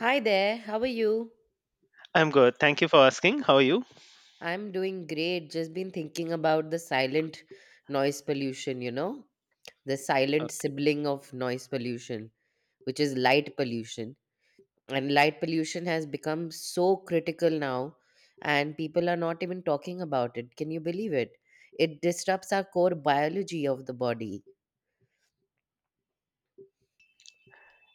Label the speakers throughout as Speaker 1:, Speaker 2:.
Speaker 1: Hi there, how are you?
Speaker 2: I'm good. Thank you for asking. How are you?
Speaker 1: I'm doing great. Just been thinking about the silent noise pollution, you know? The silent
Speaker 2: Okay.
Speaker 1: sibling of noise pollution, which is light pollution. And light pollution has become so critical now, and people are not even talking about it. Can you believe it? It disrupts our core biology of the body.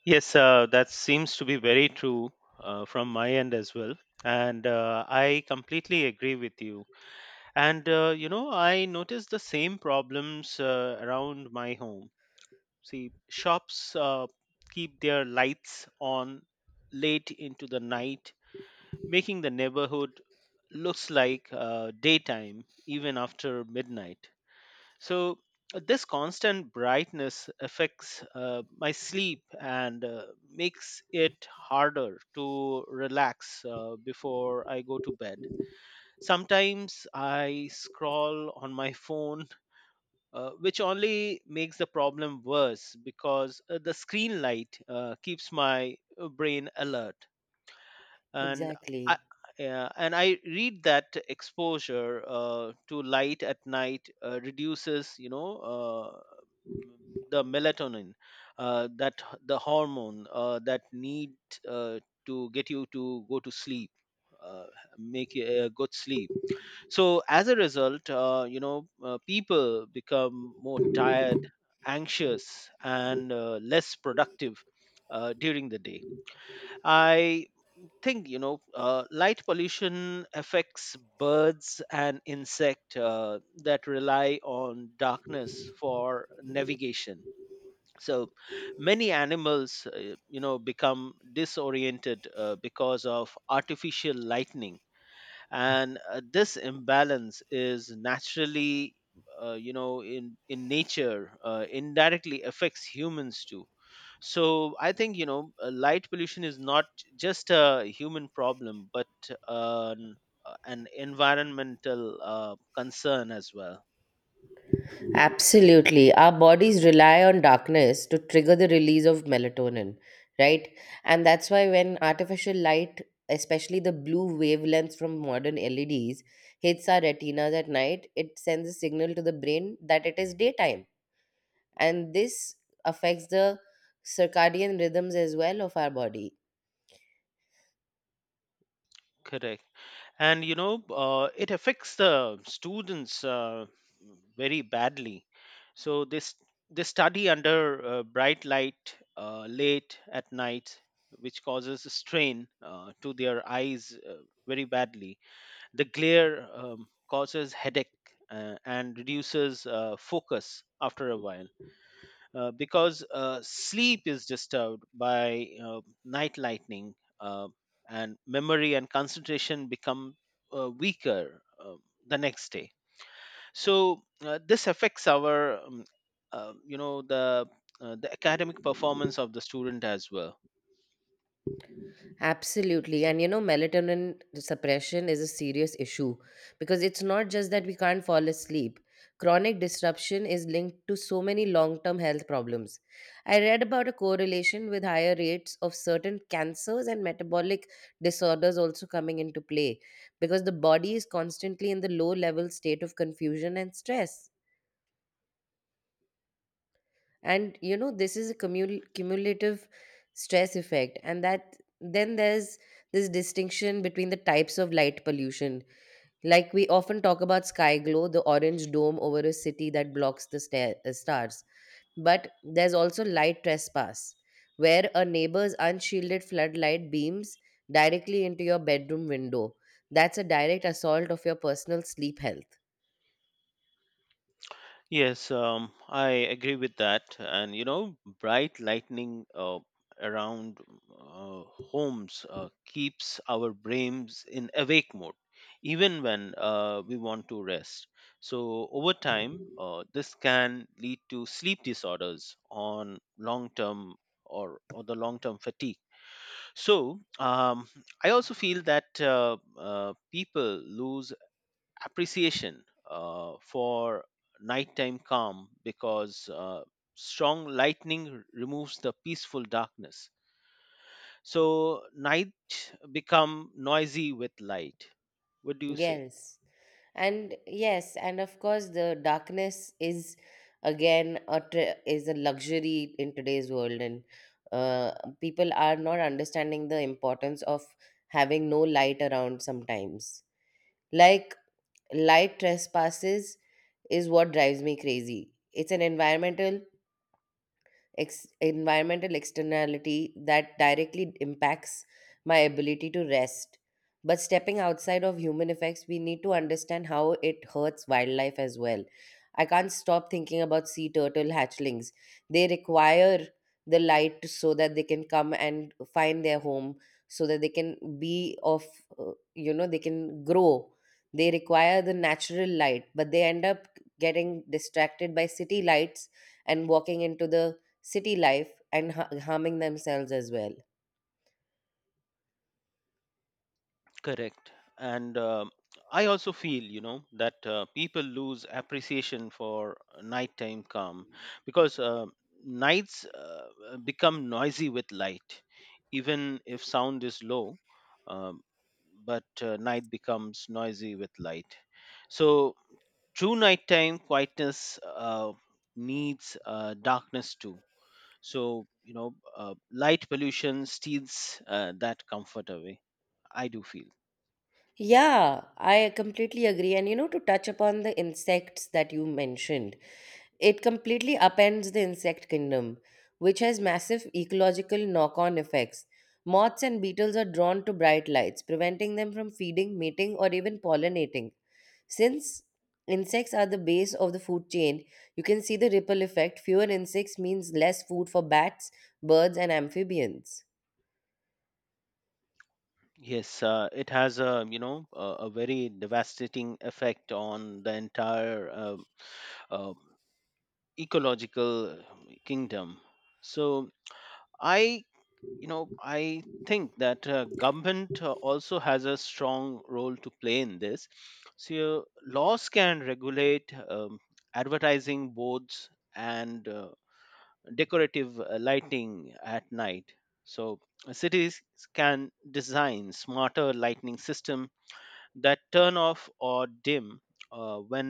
Speaker 2: Yes, that seems to be very true from my end as well. And I completely agree with you. And, you know, I noticed the same problems around my home. See, shops keep their lights on late into the night, making the neighborhood looks like daytime even after midnight. So this constant brightness affects my sleep and makes it harder to relax before I go to bed. Sometimes I scroll on my phone, which only makes the problem worse because the screen light keeps my brain alert and I
Speaker 1: Exactly.
Speaker 2: yeah, and I read that exposure to light at night reduces, m- the melatonin, the hormone that need uh, to get you to go to sleep, uh, make you a good sleep. So as a result, people become more tired, anxious, and less productive during the day. I thing you know light pollution affects birds and insect that rely on darkness for navigation, so many animals, you know, become disoriented because of artificial lightning. And this imbalance is naturally, in nature, indirectly affects humans too. So I think, light pollution is not just a human problem but uh, an, an environmental concern as well.
Speaker 1: Absolutely. Our bodies rely on darkness to trigger the release of melatonin, right? And that's why when artificial light, especially the blue wavelengths from modern LEDs, hits our retinas at night, it sends a signal to the brain that it is daytime. And this affects the circadian rhythms as well of our body.
Speaker 2: Correct. And you know, it affects the students very badly. So this they study under bright light late at night, which causes strain to their eyes very badly. The glare causes headache and reduces focus after a while, because sleep is disturbed by night lightning, uh, and memory and concentration become weaker the next day. So this affects our uh, you know the the academic performance of the student as well.
Speaker 1: Absolutely. And you know, melatonin suppression is a serious issue because it's not just that we can't fall asleep. Chronic disruption is linked to so many long term health problems. I read about a correlation with higher rates of certain cancers and metabolic disorders also coming into play because the body is constantly in the low level state of confusion and stress. And you know, this is a cumulative stress effect. And that then there's this distinction between the types of light pollution. Like, we often talk about sky glow, the orange dome over a city that blocks the stars, but there's also light trespass, where a neighbor's unshielded floodlight beams directly into your bedroom window. That's a direct assault of your personal sleep health.
Speaker 2: Yes, I agree with that. And you know, bright lightning around uh, homes keeps our brains in awake mode, even when we want to rest. So, over time, this can lead to sleep disorders on long term, or the long term fatigue. So, I also feel that people lose appreciation for nighttime calm because strong lightning removes the peaceful darkness, so night become noisy with light. What do you say?
Speaker 1: Yes. And yes, and of course the darkness is again a is a luxury in today's world. And uh, people are not understanding the importance of having no light around sometimes. Like, light trespasses is what drives me crazy. It's an environmental environmental externality that directly impacts my ability to rest. But stepping outside of human effects, we need to understand how it hurts wildlife as well. I can't stop thinking about sea turtle hatchlings. They require the light so that they can come and find their home, so that they can be of, you know, they can grow. They require the natural light, but they end up getting distracted by city lights and walking into the city life and harming themselves as well.
Speaker 2: Correct. And I also feel, you know, that people lose appreciation for nighttime calm because nights become noisy with light, even if sound is low. Um, but night becomes noisy with light. So true nighttime quietness needs darkness too. So you know, light pollution steals that comfort away. I do feel.
Speaker 1: Yeah, I completely agree. And you know, to touch upon the insects that you mentioned, it completely upends the insect kingdom, which has massive ecological knock on effects. Moths and beetles are drawn to bright lights, preventing them from feeding, mating, or even pollinating. Since insects are the base of the food chain, you can see the ripple effect. Fewer insects means less food for bats, birds, and amphibians.
Speaker 2: Yes, it has, a a very devastating effect on the entire uh, ecological kingdom. So I you know I think that government also has a strong role to play in this. So laws can regulate advertising boards and decorative lighting at night. So cities can design smarter lighting system that turn off or dim when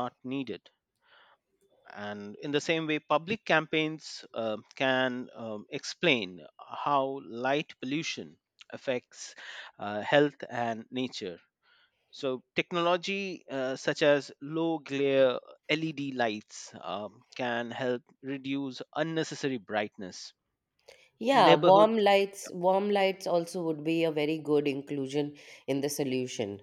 Speaker 2: not needed. And in the same way, public campaigns can explain how light pollution affects health and nature. So, technology such as low glare LED lights can help reduce unnecessary brightness.
Speaker 1: Yeah,
Speaker 2: Neighborhood
Speaker 1: warm lights also would be a very good inclusion in the solution.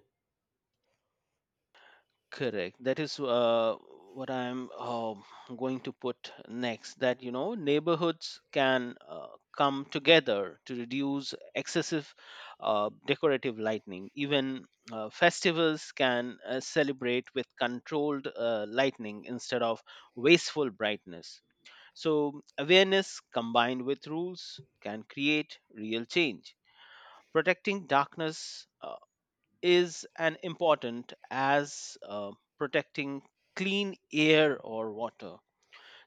Speaker 2: Correct. That is what I'm going to put next. That you know, neighborhoods can come together to reduce excessive decorative lightning. Even festivals can celebrate with controlled lightning instead of wasteful brightness. So awareness combined with rules can create real change. Protecting darkness is an important as protecting clean air or water.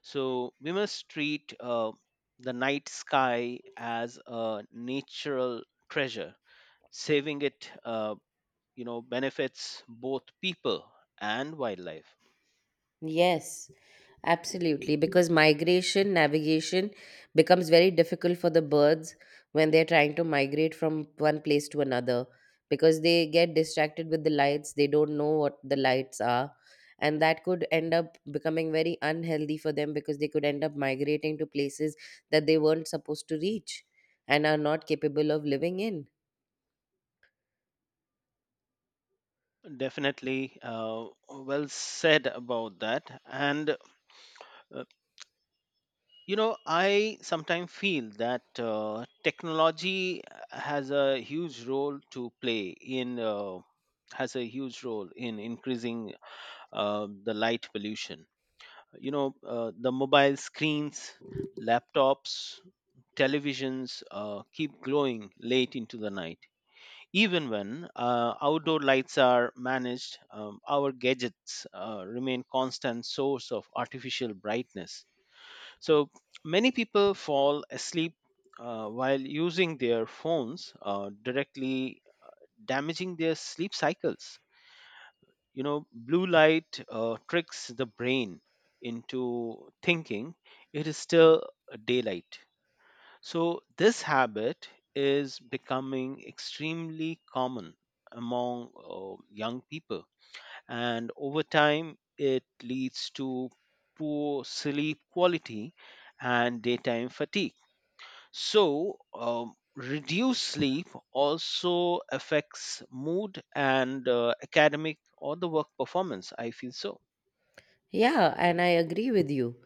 Speaker 2: So we must treat the night sky as a natural treasure. Saving it, benefits both people and wildlife.
Speaker 1: Yes, absolutely. Because migration, navigation becomes very difficult for the birds when they're trying to migrate from one place to another, because they get distracted with the lights, they don't know what the lights are. And that could end up becoming very unhealthy for them because they could end up migrating to places that they weren't supposed to reach and are not capable of living in.
Speaker 2: Definitely, well said about that. And uh, you know, I sometimes feel that technology has a huge role to play in uh, has a huge role in increasing the light pollution. You know, the mobile screens, laptops, televisions keep glowing late into the night. Even when outdoor lights are managed, our gadgets remain constant source of artificial brightness. So many people fall asleep while using their phones, directly damaging their sleep cycles. You know, blue light tricks the brain into thinking it is still daylight. So this habit is becoming extremely common among young people, and over time, it leads to poor sleep quality and daytime fatigue. So, reduced sleep also affects mood and academic or the work performance. I feel so.
Speaker 1: Yeah, and I agree with you,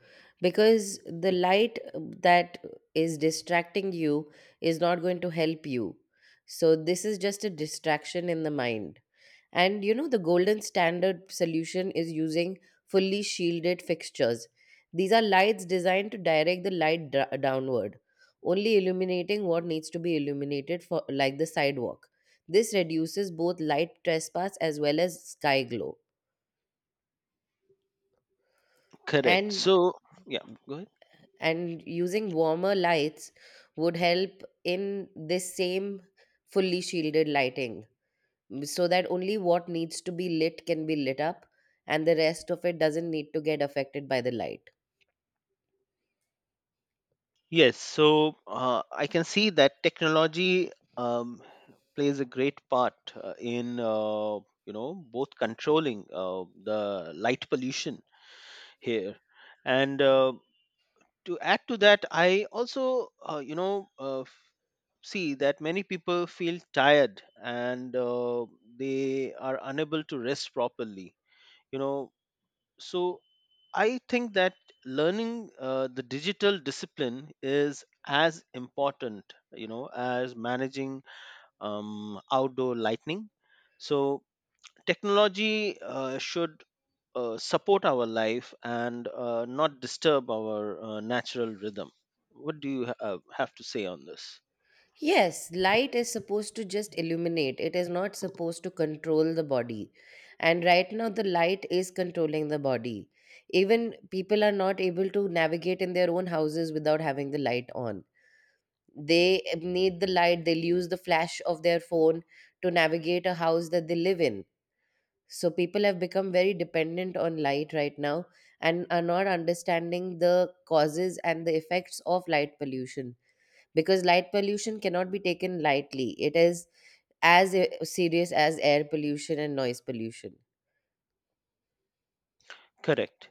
Speaker 1: because the light that is distracting you is not going to help you. So this is just a distraction in the mind. And you know, the golden standard solution is using fully shielded fixtures. These are lights designed to direct the light downward, only illuminating what needs to be illuminated for, like the sidewalk. This reduces both light trespass as well as sky glow.
Speaker 2: Correct.
Speaker 1: And
Speaker 2: So, yeah, go ahead.
Speaker 1: and using warmer lights would help in this same fully shielded lighting so that only what needs to be lit can be lit up, and the rest of it doesn't need to get affected by the light.
Speaker 2: Yes. So, I can see that technology um, plays a great part in. You know, both controlling the light pollution here, and to add to that, I also, see that many people feel tired and they are unable to rest properly, you know. So I think that learning the digital discipline is as important, you know, as managing outdoor lighting. So technology should support our life and not disturb our natural rhythm. What do you have to say on this?
Speaker 1: Yes, light is supposed to just illuminate, it is not supposed to control the body. And right now, the light is controlling the body. Even people are not able to navigate in their own houses without having the light on. They need the light, they'll use the flash of their phone to navigate a house that they live in. So people have become very dependent on light right now and are not understanding the causes and the effects of light pollution, because light pollution cannot be taken lightly. It is as serious as air pollution and noise pollution.
Speaker 2: Correct.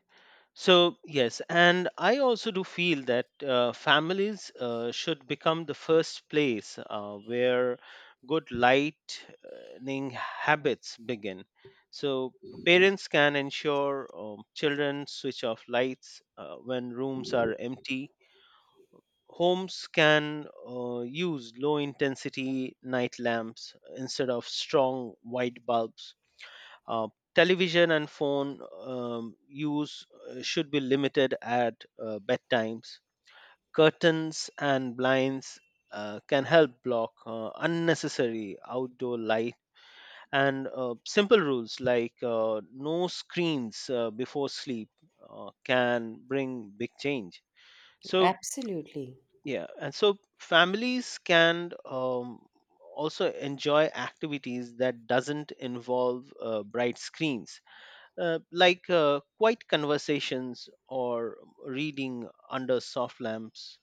Speaker 2: So, yes, and I also do feel that families should become the first place where good lightning habits begin. So, parents can ensure children switch off lights when rooms are empty. Homes can use low intensity night lamps instead of strong white bulbs. uh, Television and phone use should be limited at bedtimes. Curtains and blinds can help block unnecessary outdoor light. And simple rules like no screens before sleep can bring big change. So,
Speaker 1: Absolutely.
Speaker 2: yeah, and so families can also enjoy activities that doesn't involve bright screens like quiet conversations or reading under soft lamps.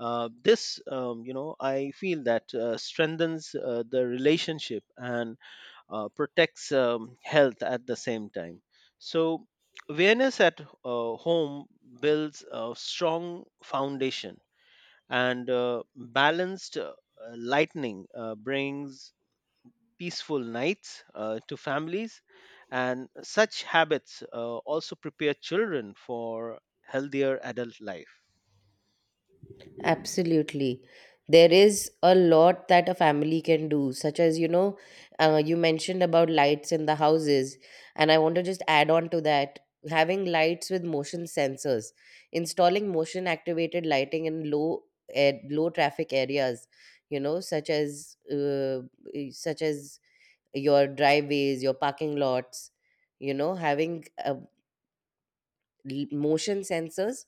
Speaker 2: This, you know, I feel that strengthens the relationship and protects health at the same time. So, awareness at home builds a strong foundation, and balanced lightning brings peaceful nights to families, and such habits also prepare children for healthier adult life.
Speaker 1: Absolutely. There is a lot that a family can do, such as, you know, you mentioned about lights in the houses. And I want to just add on to that, having lights with motion sensors, installing motion activated lighting in low air, low traffic areas, you know, such as, such as your driveways, your parking lots, you know, having motion sensors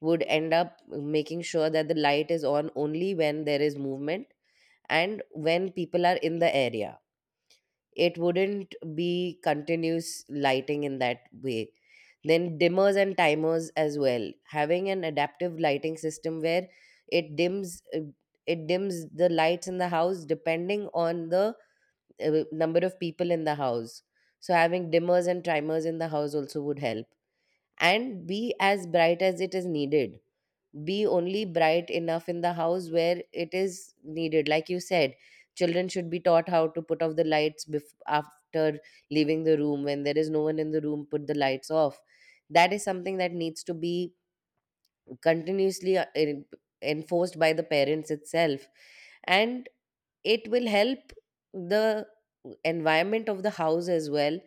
Speaker 1: would end up making sure that the light is on only when there is movement and when people are in the area. It wouldn't be continuous lighting in that way. Then, dimmers and timers as well. Having an adaptive lighting system where it dims. It dims the lights in the house depending on the number of people in the house. So having dimmers and timers in the house also would help, and be as bright as it is needed, be only bright enough in the house where it is needed. Like you said, children should be taught how to put off the lights after leaving the room. When there is no one in the room, put the lights off. That is something that needs to be continuously enforced by the parents itself, and it will help the environment of the house as well.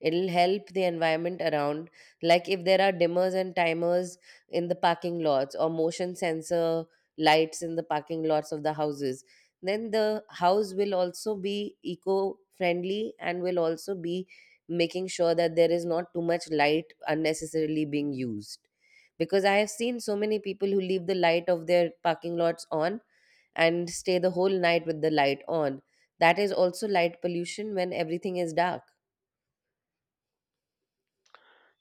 Speaker 1: It'll help the environment around. Like, if there are dimmers and timers in the parking lots, or motion sensor lights in the parking lots of the houses, then the house will also be eco friendly and will also be making sure that there is not too much light unnecessarily being used, because I have seen so many people who leave the light of their parking lots on and stay the whole night with the light on. That is also light pollution when everything is dark.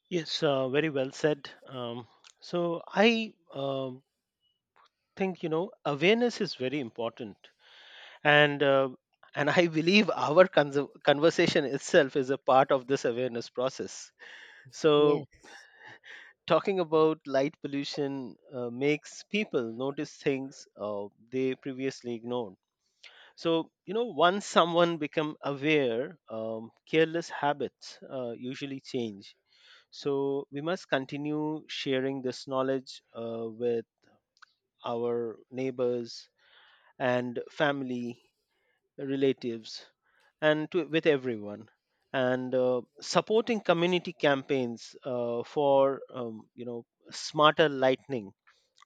Speaker 2: Yes, very well said. So I think, you know, awareness is very important, and uh, and I believe our conversation itself is a part of this awareness process. So
Speaker 1: Yes.
Speaker 2: talking about light pollution makes people notice things they previously ignored. So you know, once someone become aware, careless habits usually change. So we must continue sharing this knowledge with our neighbors and family, relatives, and with everyone, and supporting community campaigns for, smarter lightning,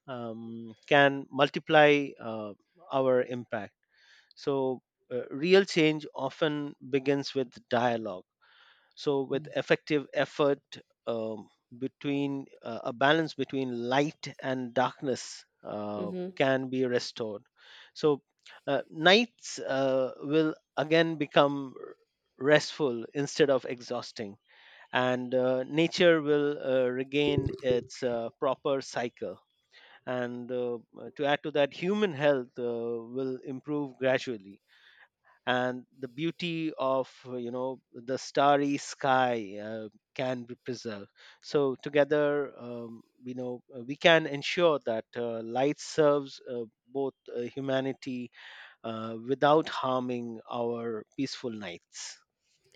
Speaker 2: can multiply our impact. So, real change often begins with dialogue. So, with effective effort, um, between a balance between light and darkness
Speaker 1: Mm-hmm.
Speaker 2: can be restored. So, nights will again become restful instead of exhausting, and nature will regain its proper cycle. And to add to that, human health will improve gradually, and the beauty of, the starry sky, can be preserved. So together, we can ensure that light serves both humanity without harming our peaceful nights.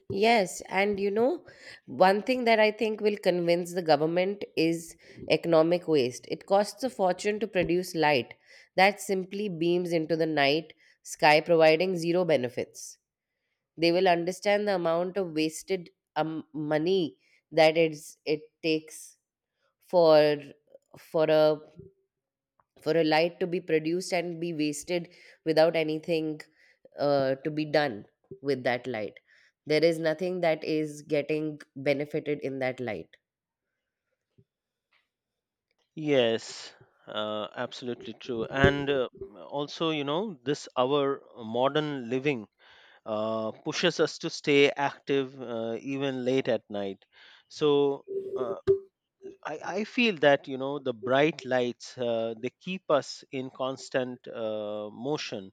Speaker 1: Yes, and you know, one thing that I think will convince the government is economic waste. It costs a fortune to produce light that simply beams into the night sky, providing zero benefits. They will understand the amount of wasted money that it takes for for a for a light to be produced and be wasted without anything to be done with that light. There is nothing that is getting benefited in that light.
Speaker 2: Yes, absolutely true. And also, you know, this our modern living pushes us to stay active even late at night. So uh, I feel that, you know, the bright lights, they keep us in constant motion.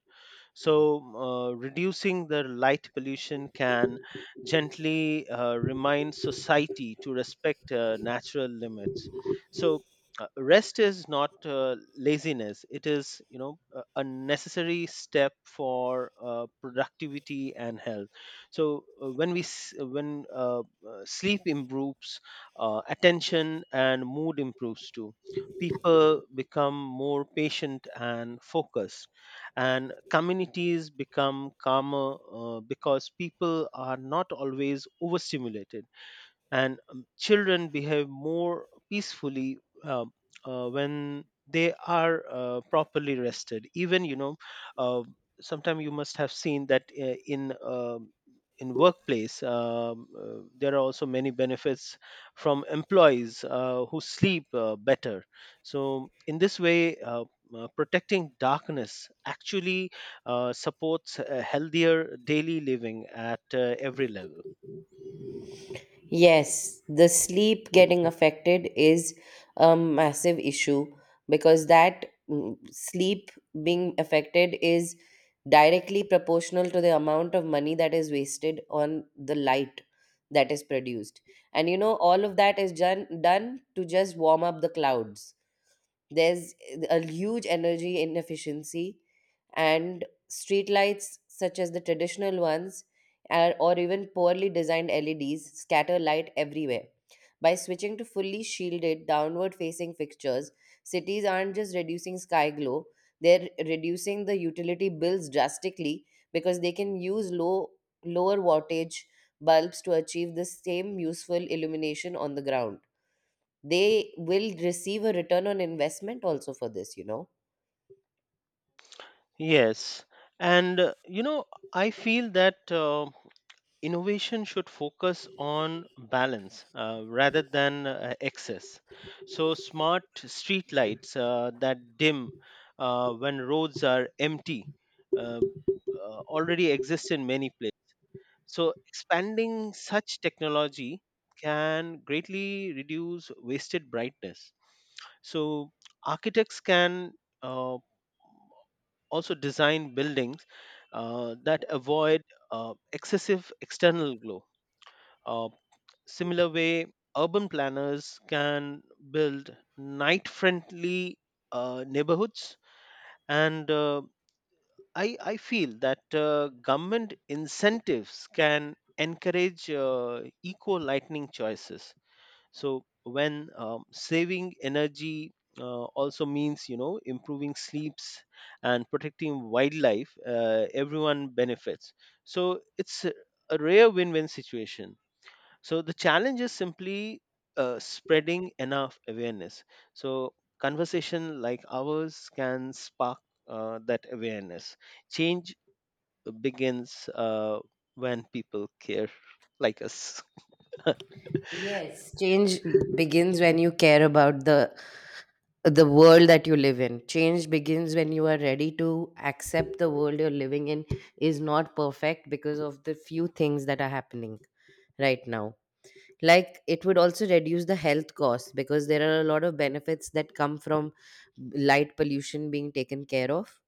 Speaker 2: So, reducing the light pollution can gently remind society to respect natural limits. So, rest is not laziness; it is, you know, a necessary step for productivity and health. So, when sleep improves, attention and mood improves too. People become more patient and focused, and communities become calmer because people are not always overstimulated, and children behave more peacefully uh, when they are properly rested. Even, you know, uh, sometimes you must have seen that in workplace, there are also many benefits from employees who sleep better. So in this way, protecting darkness actually supports a healthier daily living at every level.
Speaker 1: Yes, the sleep getting affected is a massive issue, because that sleep being affected is directly proportional to the amount of money that is wasted on the light that is produced. And you know, all of that is done to just warm up the clouds. There's a huge energy inefficiency, and streetlights, such as the traditional ones, or even poorly designed LEDs, scatter light everywhere. By switching to fully shielded, downward facing fixtures, cities aren't just reducing sky glow, they're reducing the utility bills drastically because they can use lower wattage bulbs to achieve the same useful illumination on the ground. They will receive a return on investment also for this, you know.
Speaker 2: Yes, and you know, I feel that innovation should focus on balance rather than excess. So, smart street lights that dim when roads are empty uh, already exist in many places. So, expanding such technology can greatly reduce wasted brightness. So, architects can uh, also design buildings that avoid excessive external glow. Uh, similar way, urban planners can build night-friendly neighborhoods, and I feel that government incentives can encourage eco-lightning choices so when saving energy also means improving sleeps and protecting wildlife, everyone benefits. So it's a rare win-win situation. So the challenge is simply spreading enough awareness, so conversation like ours can spark that awareness. Change begins when people care like us.
Speaker 1: Yes, change begins when you care about the world that you live in. Change begins when you are ready to accept the world you're living in is not perfect because of the few things that are happening right now. Like, it would also reduce the health costs, because there are a lot of benefits that come from light pollution being taken care of,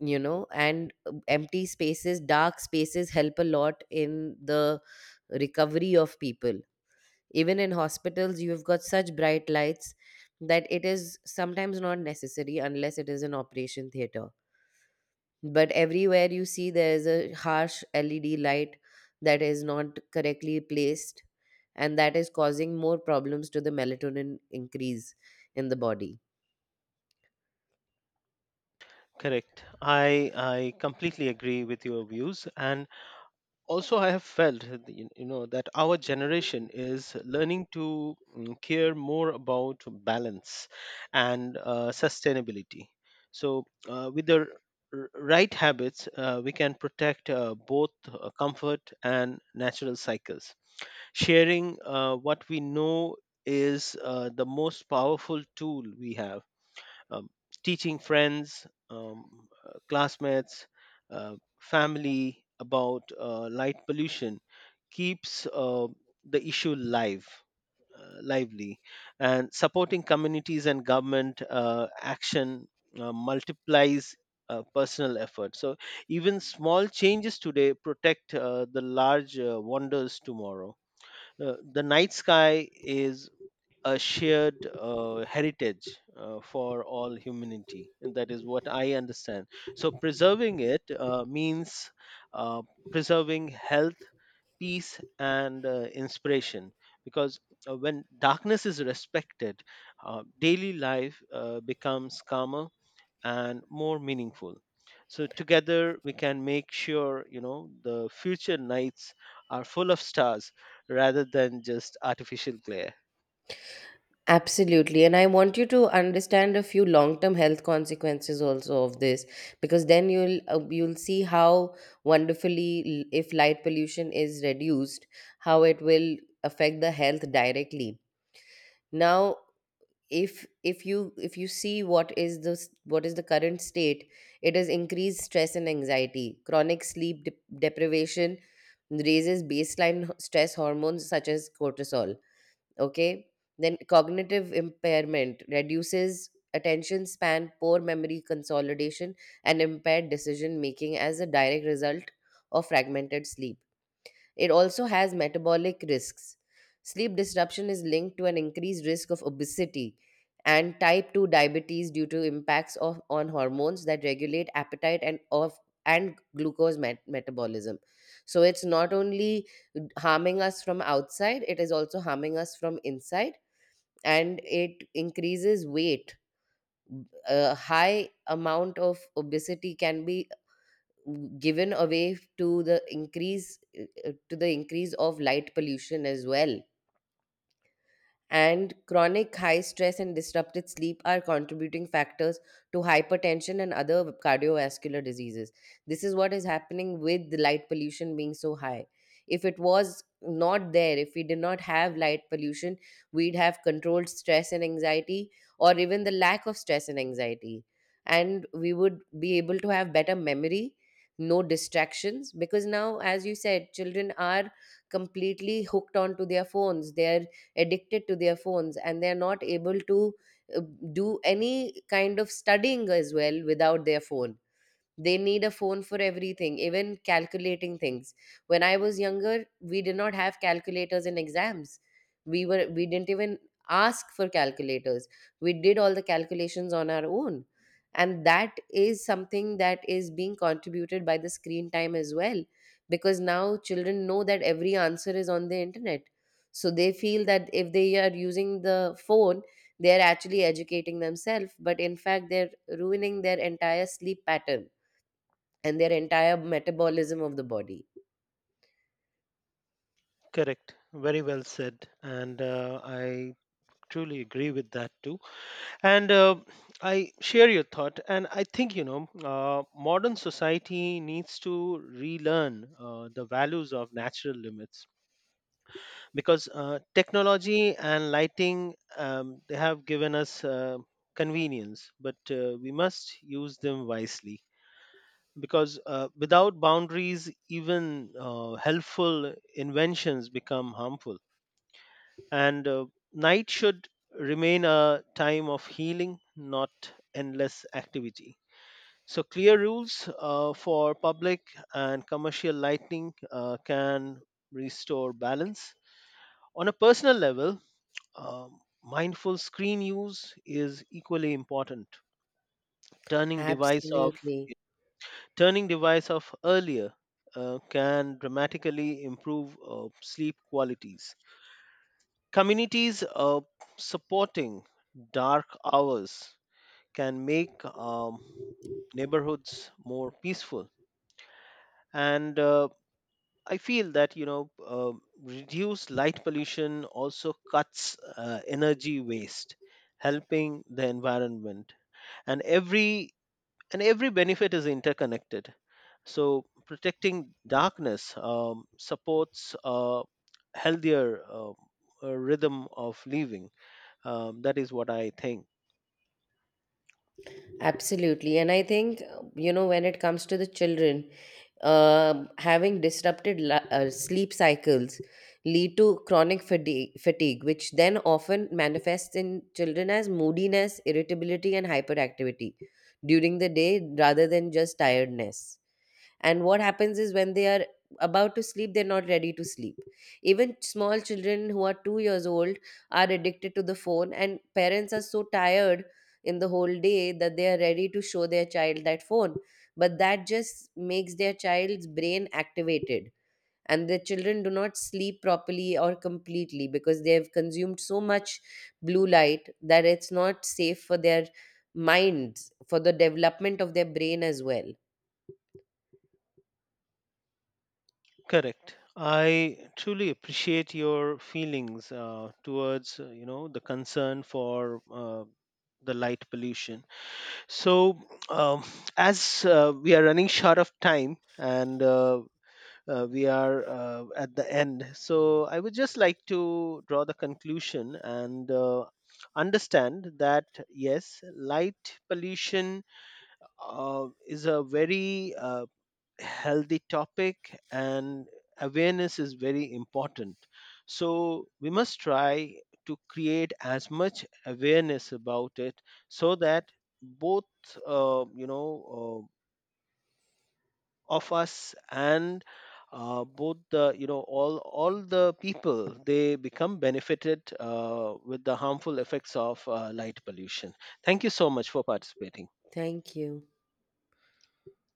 Speaker 1: you know. And empty spaces, dark spaces, help a lot in the recovery of people. Even in hospitals, you've got such bright lights that it is sometimes not necessary, unless it is an operation theater. But everywhere you see, there is a harsh led light that is not correctly placed, and that is causing more problems to the melatonin increase in the body.
Speaker 2: Correct. I completely agree with your views, and also I have felt that, you know, that our generation is learning to care more about balance and sustainability. So with the right habits, we can protect both comfort and natural cycles. Sharing what we know is the most powerful tool we have. um, Teaching friends, classmates, family about light pollution keeps the issue lively, and supporting communities and government action multiplies personal effort. So even small changes today protect the large wonders tomorrow. The night sky is a shared heritage for all humanity. And that is what I understand. So preserving it means uh, preserving health, peace, and inspiration. Because when darkness is respected, daily life becomes calmer and more meaningful. So together we can make sure the future nights are full of stars rather than just artificial glare.
Speaker 1: Absolutely. And I want you to understand a few long-term health consequences also of this, because then you'll see how wonderfully, if light pollution is reduced, how it will affect the health directly. Now, if if you see what is what is the current state, it is increased stress and anxiety. Chronic sleep deprivation raises baseline stress hormones such as cortisol. Okay. Then cognitive impairment reduces attention span, poor memory consolidation, and impaired decision making as a direct result of fragmented sleep. It also has metabolic risks. Sleep disruption is linked to an increased risk of obesity and type 2 diabetes due to impacts of, on hormones that regulate appetite and glucose metabolism. So it's not only harming us from outside, it is also harming us from inside, and it increases weight. A high amount of obesity can be given away to the increase of light pollution as well. And chronic high stress and disrupted sleep are contributing factors to hypertension and other cardiovascular diseases. This is what is happening with the light pollution being so high. If it was not there, if we did not have light pollution, we'd have controlled stress and anxiety, or even the lack of stress and anxiety. And we would be able to have better memory, no distractions, because now, as you said, children are completely hooked onto their phones. They are addicted to their phones and they're not able to uh, do any kind of studying as well without their phone. They need a phone for everything, even calculating things. When I was younger, we did not have calculators in exams. We were we didn't even ask for calculators. We did all the calculations on our own. And that is something that is being contributed by the screen time as well, because now children know that every answer is on the internet. So they feel that if they are using the phone, they are actually educating themselves, but in fact they're ruining their entire sleep pattern and their entire metabolism of the body.
Speaker 2: Correct. Very well said. And I truly agree with that too. And I share your thought. And I think, you know, modern society needs to relearn the values of natural limits, because technology and lighting, they have given us convenience, but we must use them wisely. Because without boundaries, even helpful inventions become harmful. And Night should remain a time of healing, not endless activity. So, clear rules for public and commercial lighting can restore balance. On a personal level, mindful screen use is equally important. Turning device off,
Speaker 1: Absolutely.
Speaker 2: Turning device off earlier can dramatically improve sleep qualities. Communities supporting dark hours can make neighborhoods more peaceful. And I feel that, you know, reduced light pollution also cuts energy waste, helping the environment. And every and every benefit is interconnected. So protecting darkness supports a healthier rhythm of living. That is what I think.
Speaker 1: Absolutely. And I think, you know, when it comes to the children, um having disrupted sleep cycles lead to chronic fatigue, which then often manifests in children as moodiness, irritability, and hyperactivity during the day rather than just tiredness. And what happens is, when they are about to sleep, they're not ready to sleep. Even small children who are 2 years old are addicted to the phone, and parents are so tired in the whole day that they are ready to show their child that phone. But that just makes their child's brain activated, and the children do not sleep properly or completely because they have consumed so much blue light that it's not safe for their minds, for the development of their brain as well.
Speaker 2: Correct. I truly appreciate your feelings towards you know, the concern for the light pollution. So um, as we are running short of time and we are at the end, so I would just like to draw the conclusion and understand that yes, light pollution is a very healthy topic, and awareness is very important, so we must try to create as much awareness about it, so that both you know of us, and both, the you know, all the people, they become benefited with the harmful effects of light pollution. Thank you so much for participating.
Speaker 1: Thank you.